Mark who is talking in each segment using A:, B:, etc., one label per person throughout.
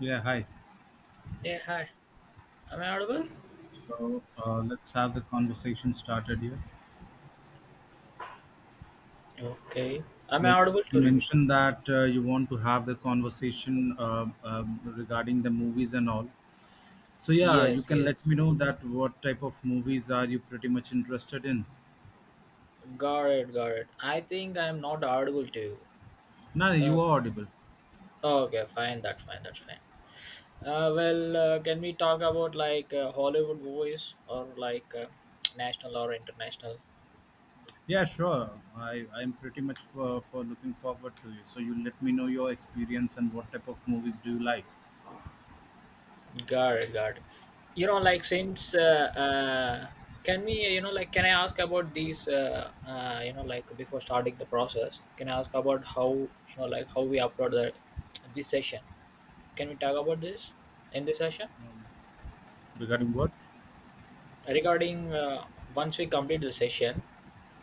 A: Yeah, hi.
B: Yeah, hi. Am I audible?
A: So let's have the conversation started here.
B: Okay. Am I
A: So
B: audible
A: you
B: to you?
A: mentioned that you want to have the conversation regarding the movies and all. So yeah, you
B: Yes,
A: can let me
B: yes.
A: know that what type of movies are you pretty much interested in?
B: Got it, got it. I think I'm not audible to you.
A: No,
B: Uh,
A: you are audible.
B: okay, fine. That's fine. That's fine. Can we talk about like Hollywood movies or like national or international?
A: Yeah, sure. I'm pretty much for looking forward to you. So you let me know your experience and what type of movies do you like
B: Got it, got it. You know, like since can we, you know, like can I ask about these? You know, like before starting the process, can I ask about how you know, like how we upload that this session? Can we talk about this in this session?
A: regarding what?
B: Regarding once we complete the session,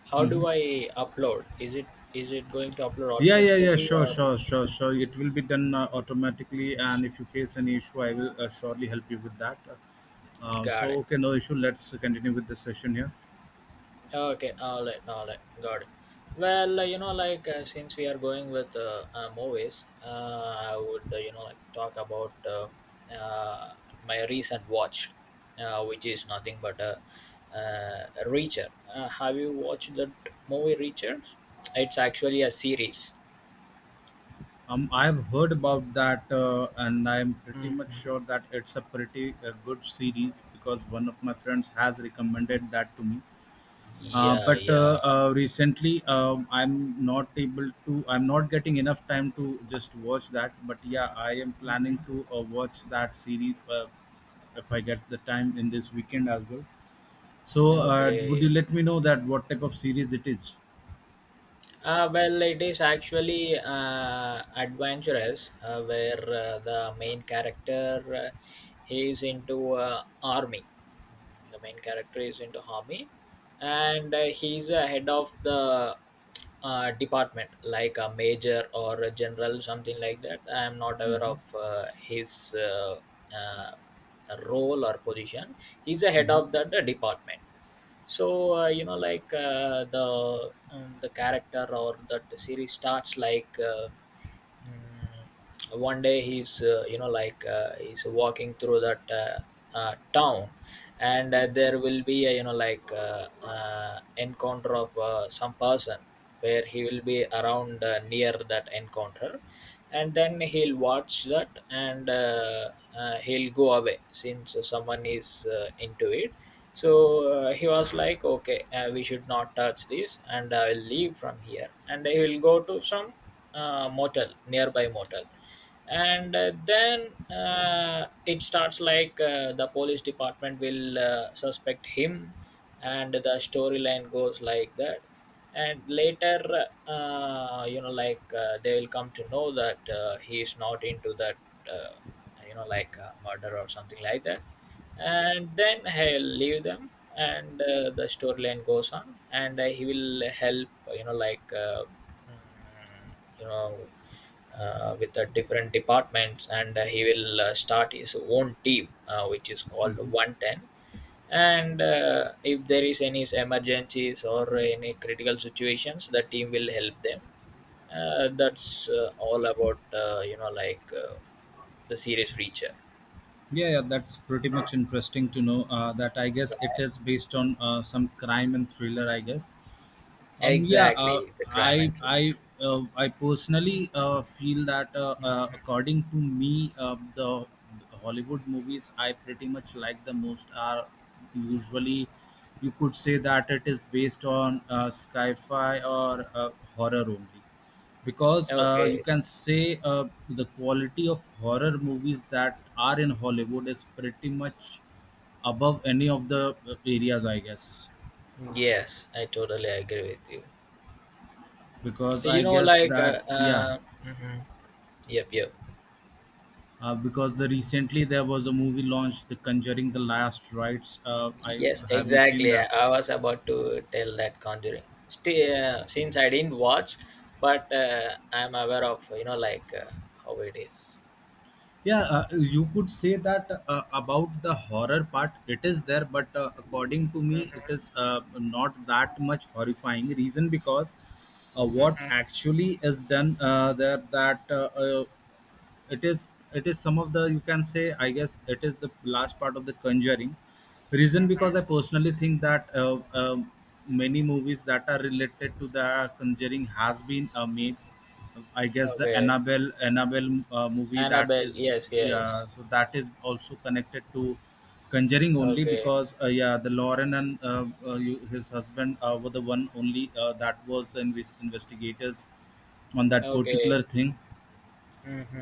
B: how do I upload? Is it going to upload
A: Yeah, yeah, yeah.
B: automatically
A: Sure,
B: or
A: sure, sure, sure. It will be done automatically, and if you face any issue, I will surely help you with that.
B: got it?
A: Okay, no issue. Let's continue with the session here.
B: Okay, all right, got it. You know, like, since we are going with movies, I would you know like talk about uh, my recent watch, which is nothing but a Reacher. Have you watched that movie Reacher? It's actually a series.
A: I have heard about that, and I am pretty much sure
B: Mhm.
A: that it's a pretty good series because one of my friends has recommended that to me. Uh,
B: Yeah,
A: but
B: yeah.
A: uh, uh, recently, I'm not able to. I'm not getting enough time to just watch that. But yeah, I am planning to watch that series. If I get the time in this weekend as well. So, would you
B: Okay.
A: let me know that what type of series it is?
B: Well, it is actually adventurous, where the main character he is into army. The main character is into army, and he's a head of the department, like a major or a general, something like that. I am not aware
A: Mm-hmm.
B: of his uh, role or position. He's a head
A: Mm-hmm.
B: of that department, so you know like, the character or that series starts like mm, one day he's you know like, he's walking through that town, and there will be a you know like, encounter of some person where he will be around near that encounter, and then he'll watch that, and he'll go away since someone is into it, so he was like okay we should not touch this and I'll leave from here, and he will go to some motel nearby motel, and then it starts like the police department will suspect him, and the storyline goes like that, and later you know like, they will come to know that he is not into that uh, you know like, murder or something like that, and then he'll leave them, and the storyline goes on, and he will help you know like mm, you know with the different departments, and he will start his own team which is called
A: Mm-hmm.
B: 110, and if there is any emergencies or any critical situations the team will help them. That's all about you know like, the serious Reacher,
A: Yeah, yeah, that's pretty much interesting to know. That I guess it is based on some crime and thriller, I guess. Um, yeah, uh,
B: exactly, the crime and true
A: I personally feel that according to me, the Hollywood movies I pretty much like the most are usually, you could say that it is based on sci-fi or horror only, because
B: crime.
A: you
B: Okay.
A: can say the quality of horror movies that are in Hollywood is pretty much above any of the areas, I guess.
B: Yes, I totally agree with you.
A: Because
B: You
A: I
B: know
A: guess
B: like uh,
A: that yeah.
B: uh, mhm. Yep, yep.
A: Because the recently there was a movie launched, The Conjuring: The Last Rites. I
B: Yes,
A: have you seen
B: exactly. I
A: that?
B: I was about to tell that Conjuring. Still, since I didn't watch, but I'm aware of you know like how it is.
A: Yeah, you could say that about the horror part, it is there, but according to me, it is not that much horrifying. Reason because what actually is done there that it is it is some of the you can say I guess it is the last part of the conjuring reason because I personally think that many movies that are related to the conjuring has been made. I guess the
B: Okay,
A: annabelle movie that
B: Annabelle.
A: is
B: Yes,
A: yeah,
B: yes.
A: so that is also connected to conjuring only
B: Okay,
A: because yeah, the lauren and his husband were the one only that was the investigators on that
B: okay.
A: particular thing.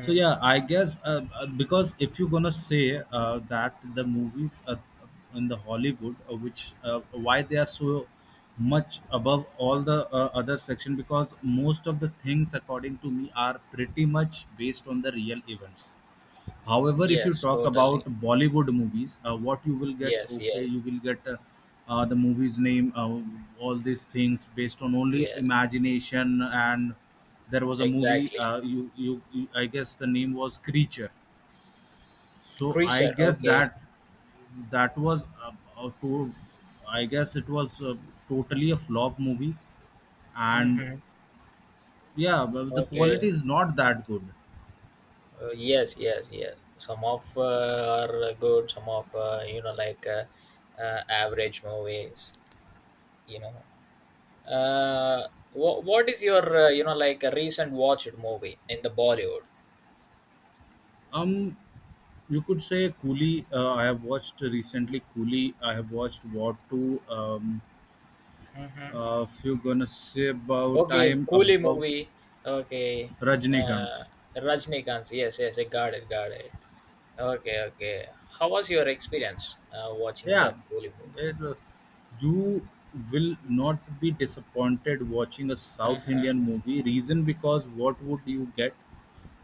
A: So yeah, I guess because if you're gonna say that the movies in the Hollywood, which why they are so much above all the other section, because most of the things, according to me, are pretty much based on the real events. However, if you
B: Yes,
A: talk about
B: totally.
A: Bollywood movies, what you will get,
B: Yes,
A: okay,
B: yes,
A: you will get the movie's name, all these things based on only
B: yes.
A: imagination. And there was a movie,
B: Exactly.
A: I guess the name was Creature. So I
B: Creature.
A: guess
B: Okay.
A: that that was uh, to, I guess it was totally a flop movie, and
B: Mm-hmm.
A: yeah, but the quality
B: Okay.
A: is not that good.
B: Yes, yes, yes. Some of are good. Some of you know like, average movies. You know, uh what is your you know like a recent watched movie in the Bollywood?
A: Um, You could say Coolie. I have watched recently Coolie. I have watched War 2.
B: Hmm.
A: If you're gonna say about, I
B: Okay,
A: am
B: Coolie
A: about
B: movie. Okay. uh
A: Rajnikant.
B: Rajnikant, yes, yes, I got it, got it. Okay, okay. How was your experience watching
A: Yeah,
B: that Coolie movie?
A: it, you will not be disappointed watching a South
B: Uh-huh.
A: Indian movie. Reason because what would you get?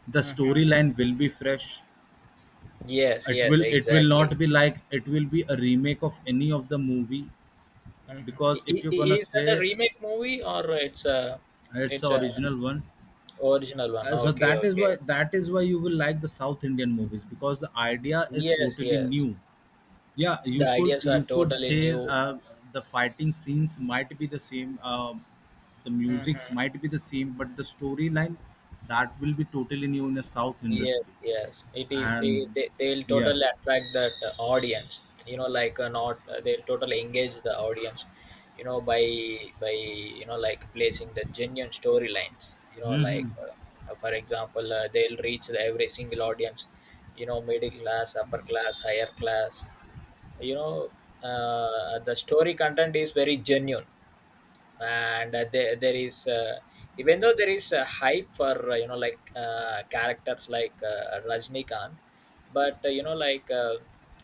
A: The
B: Uh huh.
A: storyline will be fresh.
B: Yes, yes,
A: It will not
B: exactly.
A: be like it will be a remake of any of the movie,
B: Mm-hmm.
A: because if you're gonna
B: Is that a
A: say
B: remake movie or it's a,
A: it's
B: it's
A: the
B: a
A: original one.
B: original one?
A: So
B: Okay, okay.
A: that is why you will like the South Indian movies because the idea is
B: Yes,
A: totally
B: yes.
A: new. Yeah,
B: The
A: you could
B: ideas are
A: you could
B: totally
A: say
B: new.
A: the fighting scenes might be the same, the musics
B: Mm-hmm.
A: might be the same, but the storyline that will be totally new in the South
B: Yes,
A: industry.
B: yes. It is. It,
A: And
B: they, they'll
A: yeah,
B: totally attract that audience. You know, like, not they'll totally engage the audience. You know, by you know like placing the genuine storylines. You know, like, for example, they'll reach the every single audience. You know, middle class, upper class, higher class. You know, the story content is very genuine, and there, there is even though there is a hype for you know like characters like Rajnikant, but you know like,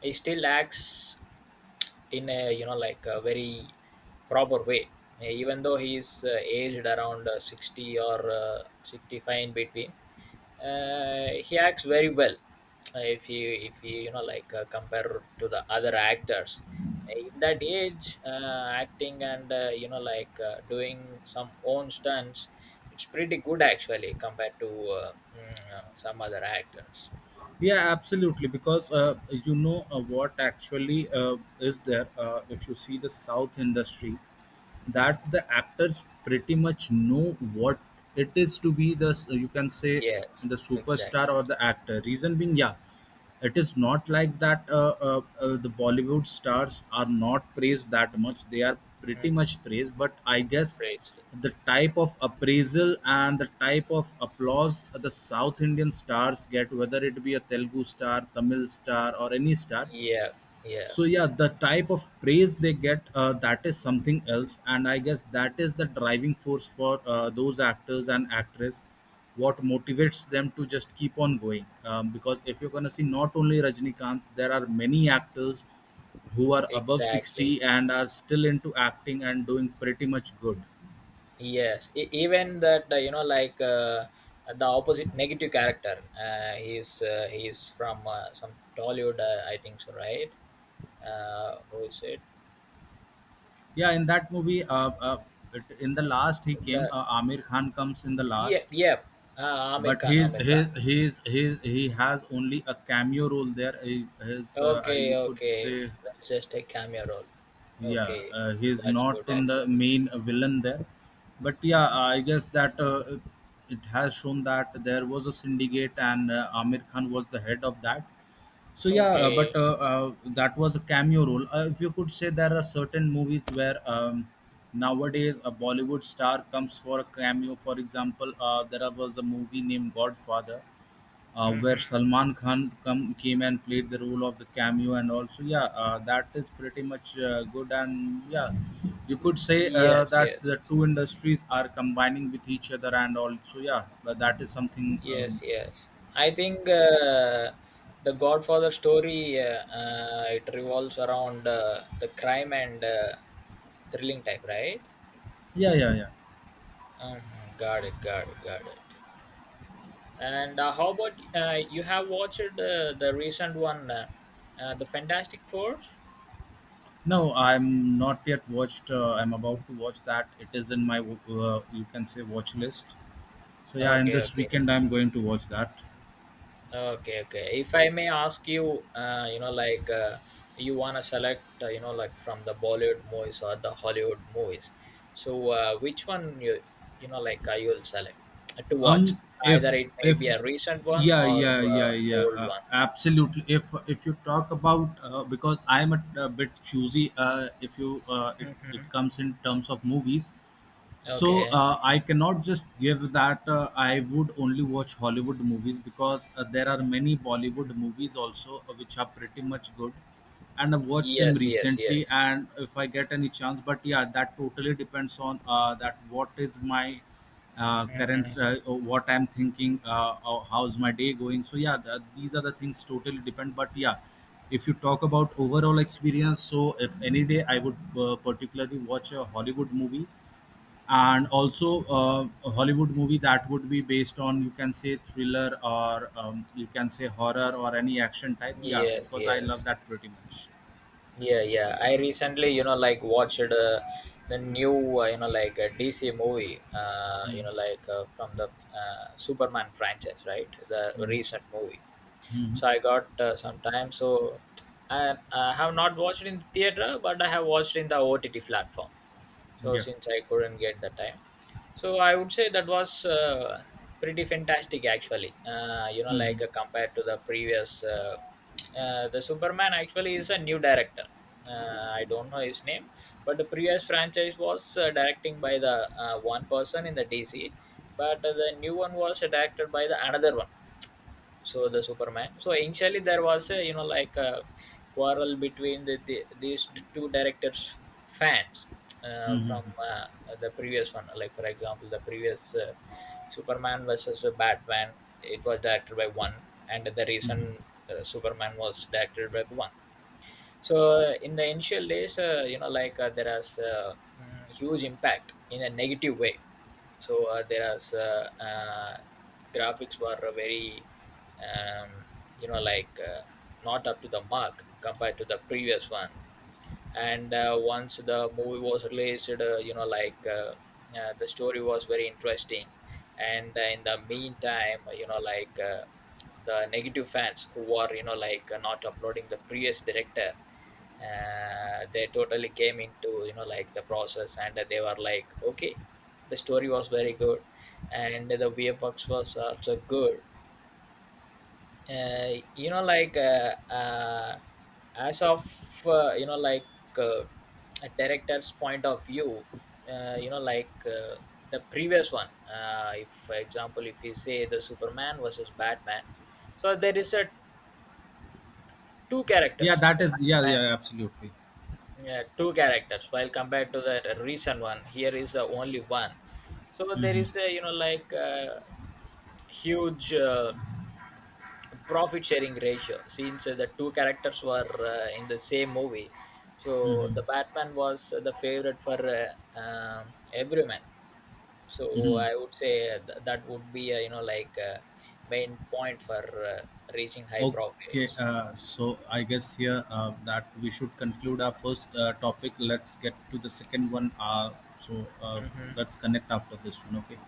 B: he still acts in a you know like a very proper way. Even though he is aged around 60 or 65 in between, he acts very well. If you you know like, compare to the other actors in that age, acting and you know like, doing some own stunts, it's pretty good actually compared to uh, some other actors.
A: yeah, absolutely. Because you know what actually is there. If you see the South industry,
B: Mhm.
A: that the actors pretty much know what it is to be the you can say
B: Yes,
A: the superstar
B: exactly.
A: or the actor reason being yeah it is not like that the bollywood stars are not praised that much. They are pretty much
B: Mhm.
A: praised, but I guess
B: Bracelet.
A: the type of appraisal and the type of applause the south indian stars get, whether it be a telugu star, tamil star or any star.
B: Yeah, yeah,
A: So yeah, the type of praise they get, that is something else, and I guess that is the driving force for those actors and actress what motivates them to just keep on going. Because if you're going to see, not only rajnikant, there are many actors who are above 60
B: exactly.
A: and are still into acting and doing pretty much good.
B: Yes, even that you know, like, the opposite negative character. He's he's from some Tollywood, I think so, right? Who is it?
A: Yeah, in that movie in the last he came,
B: The
A: amir khan comes in the last.
B: yep, yep. Ah, Amir
A: But
B: Khan,
A: he's
B: Amir Khan.
A: he's he's he's he has only a cameo role there. He, his
B: Okay,
A: you could
B: okay.
A: say
B: That's just a cameo role.
A: yeah,
B: Okay,
A: he's
B: that's
A: not
B: good
A: in the
B: actually.
A: main villain there. But yeah,
B: Okay.
A: I guess that it has shown that there was a syndicate and Amir Khan was the head of that. So yeah, but
B: Okay.
A: that was a cameo role. If you could say, there are certain movies where nowadays a Bollywood star comes for a cameo. For example, there was a movie named Godfather where
B: Hmm.
A: Salman Khan came and played the role of the cameo, and also yeah that is pretty much good, and yeah, you could say
B: Yes,
A: that
B: yes.
A: the two industries are combining with each other and also yeah, but that is something.
B: Yes, yes. I think the Godfather story it revolves around the crime and thrilling type, right?
A: Yeah, yeah, yeah.
B: Mhm. Got it, got it, got it. And how about you have watched the recent one, the Fantastic Four?
A: No, I'm not yet watched. I'm about to watch that. It is in my you can say watch list, so yeah, in
B: Okay,
A: this
B: okay.
A: weekend I'm going to watch that.
B: Okay, okay. If I may ask you, you know, like, you wanna select, you know, like from the Bollywood movies or the Hollywood movies. So, which one you, you know, like, you'll select to
A: Um
B: watch?
A: if
B: Either it may
A: if
B: be a recent one
A: Yeah,
B: or
A: yeah, yeah, yeah,
B: old one.
A: absolutely. If you talk about because I'm a bit choosy, if you it
B: Mm-hmm.
A: comes in terms of movies. So
B: Okay.
A: I cannot just give that I would only watch Hollywood movies, because there are many Bollywood movies also which are pretty much good, and I watched them
B: Yes, yes,
A: recently.
B: yes,
A: And if I get any chance, but yeah, that totally depends on that what is my current what I'm thinking, or how's my day going. So yeah, these are the things totally depend. But yeah, if you talk about overall experience, so if any day I would particularly watch a Hollywood movie, and also a Hollywood movie that would be based on you can say thriller or you can say horror or any action type. Yeah,
B: yes,
A: because I love
B: yes.
A: that pretty much.
B: Yeah, yeah. I recently, you know, like watched the new, you know, like, DC movie,
A: Mhm.
B: you know, like, from the Superman franchise, right? The
A: Mhm.
B: recent movie.
A: Mhm.
B: So I got some time. So I have not watched in the theater, but I have watched in the OTT platform. So
A: Yeah.
B: since I couldn't get the time, so I would say that was pretty fantastic actually. You know,
A: Mhm.
B: like, compared to the previous, the Superman actually is a new director. I don't know his name, but the previous franchise was directing by the one person in the DC, but the new one was directed by the another one. So the Superman, so initially there was a you know like a quarrel between these two directors fans
A: Mhm.
B: from uh, the previous one, like for example the previous Superman versus Batman, it was directed by one, and the
A: Mhm.
B: recent Superman was directed by one. So in the initial days, you know, like, there is huge impact in a negative way. So there is graphics were very, um, you know, like, not up to the mark compared to the previous one. And once the movie was released, you know, like, the story was very interesting. And in the meantime, you know, like, the negative fans who are, you know, like, not uploading the previous director they totally came into you know like the process and they were like okay the story was very good and the VFX was also good. uh, you know like, as of you know like uh, a director's point of view, you know like, the previous one, if for example if you say the Superman versus Batman, so there is a two
A: Yeah,
B: characters,
A: that
B: the
A: is yeah
B: Batman.
A: yeah absolutely.
B: Yeah, two characters. While compared to the recent one, here is the only one. So there
A: Mhm.
B: is a you know like, huge profit sharing ratio since the two characters were in the same movie. So
A: Mhm.
B: the Batman was the favorite for everyone. So
A: Mhm.
B: I would say that would be you know like, main point for reaching high
A: Okay,
B: profits.
A: so I guess here that we should conclude our first topic. Let's get to the second one. So uh,
B: Mm-hmm.
A: let's connect after this one. Okay.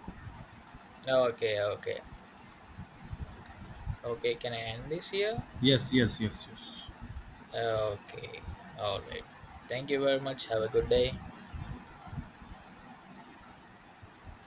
B: Okay, okay, okay. Can I end this here?
A: Yes. Yes. Yes. Yes.
B: Okay. All right. Thank you very much. Have a good day.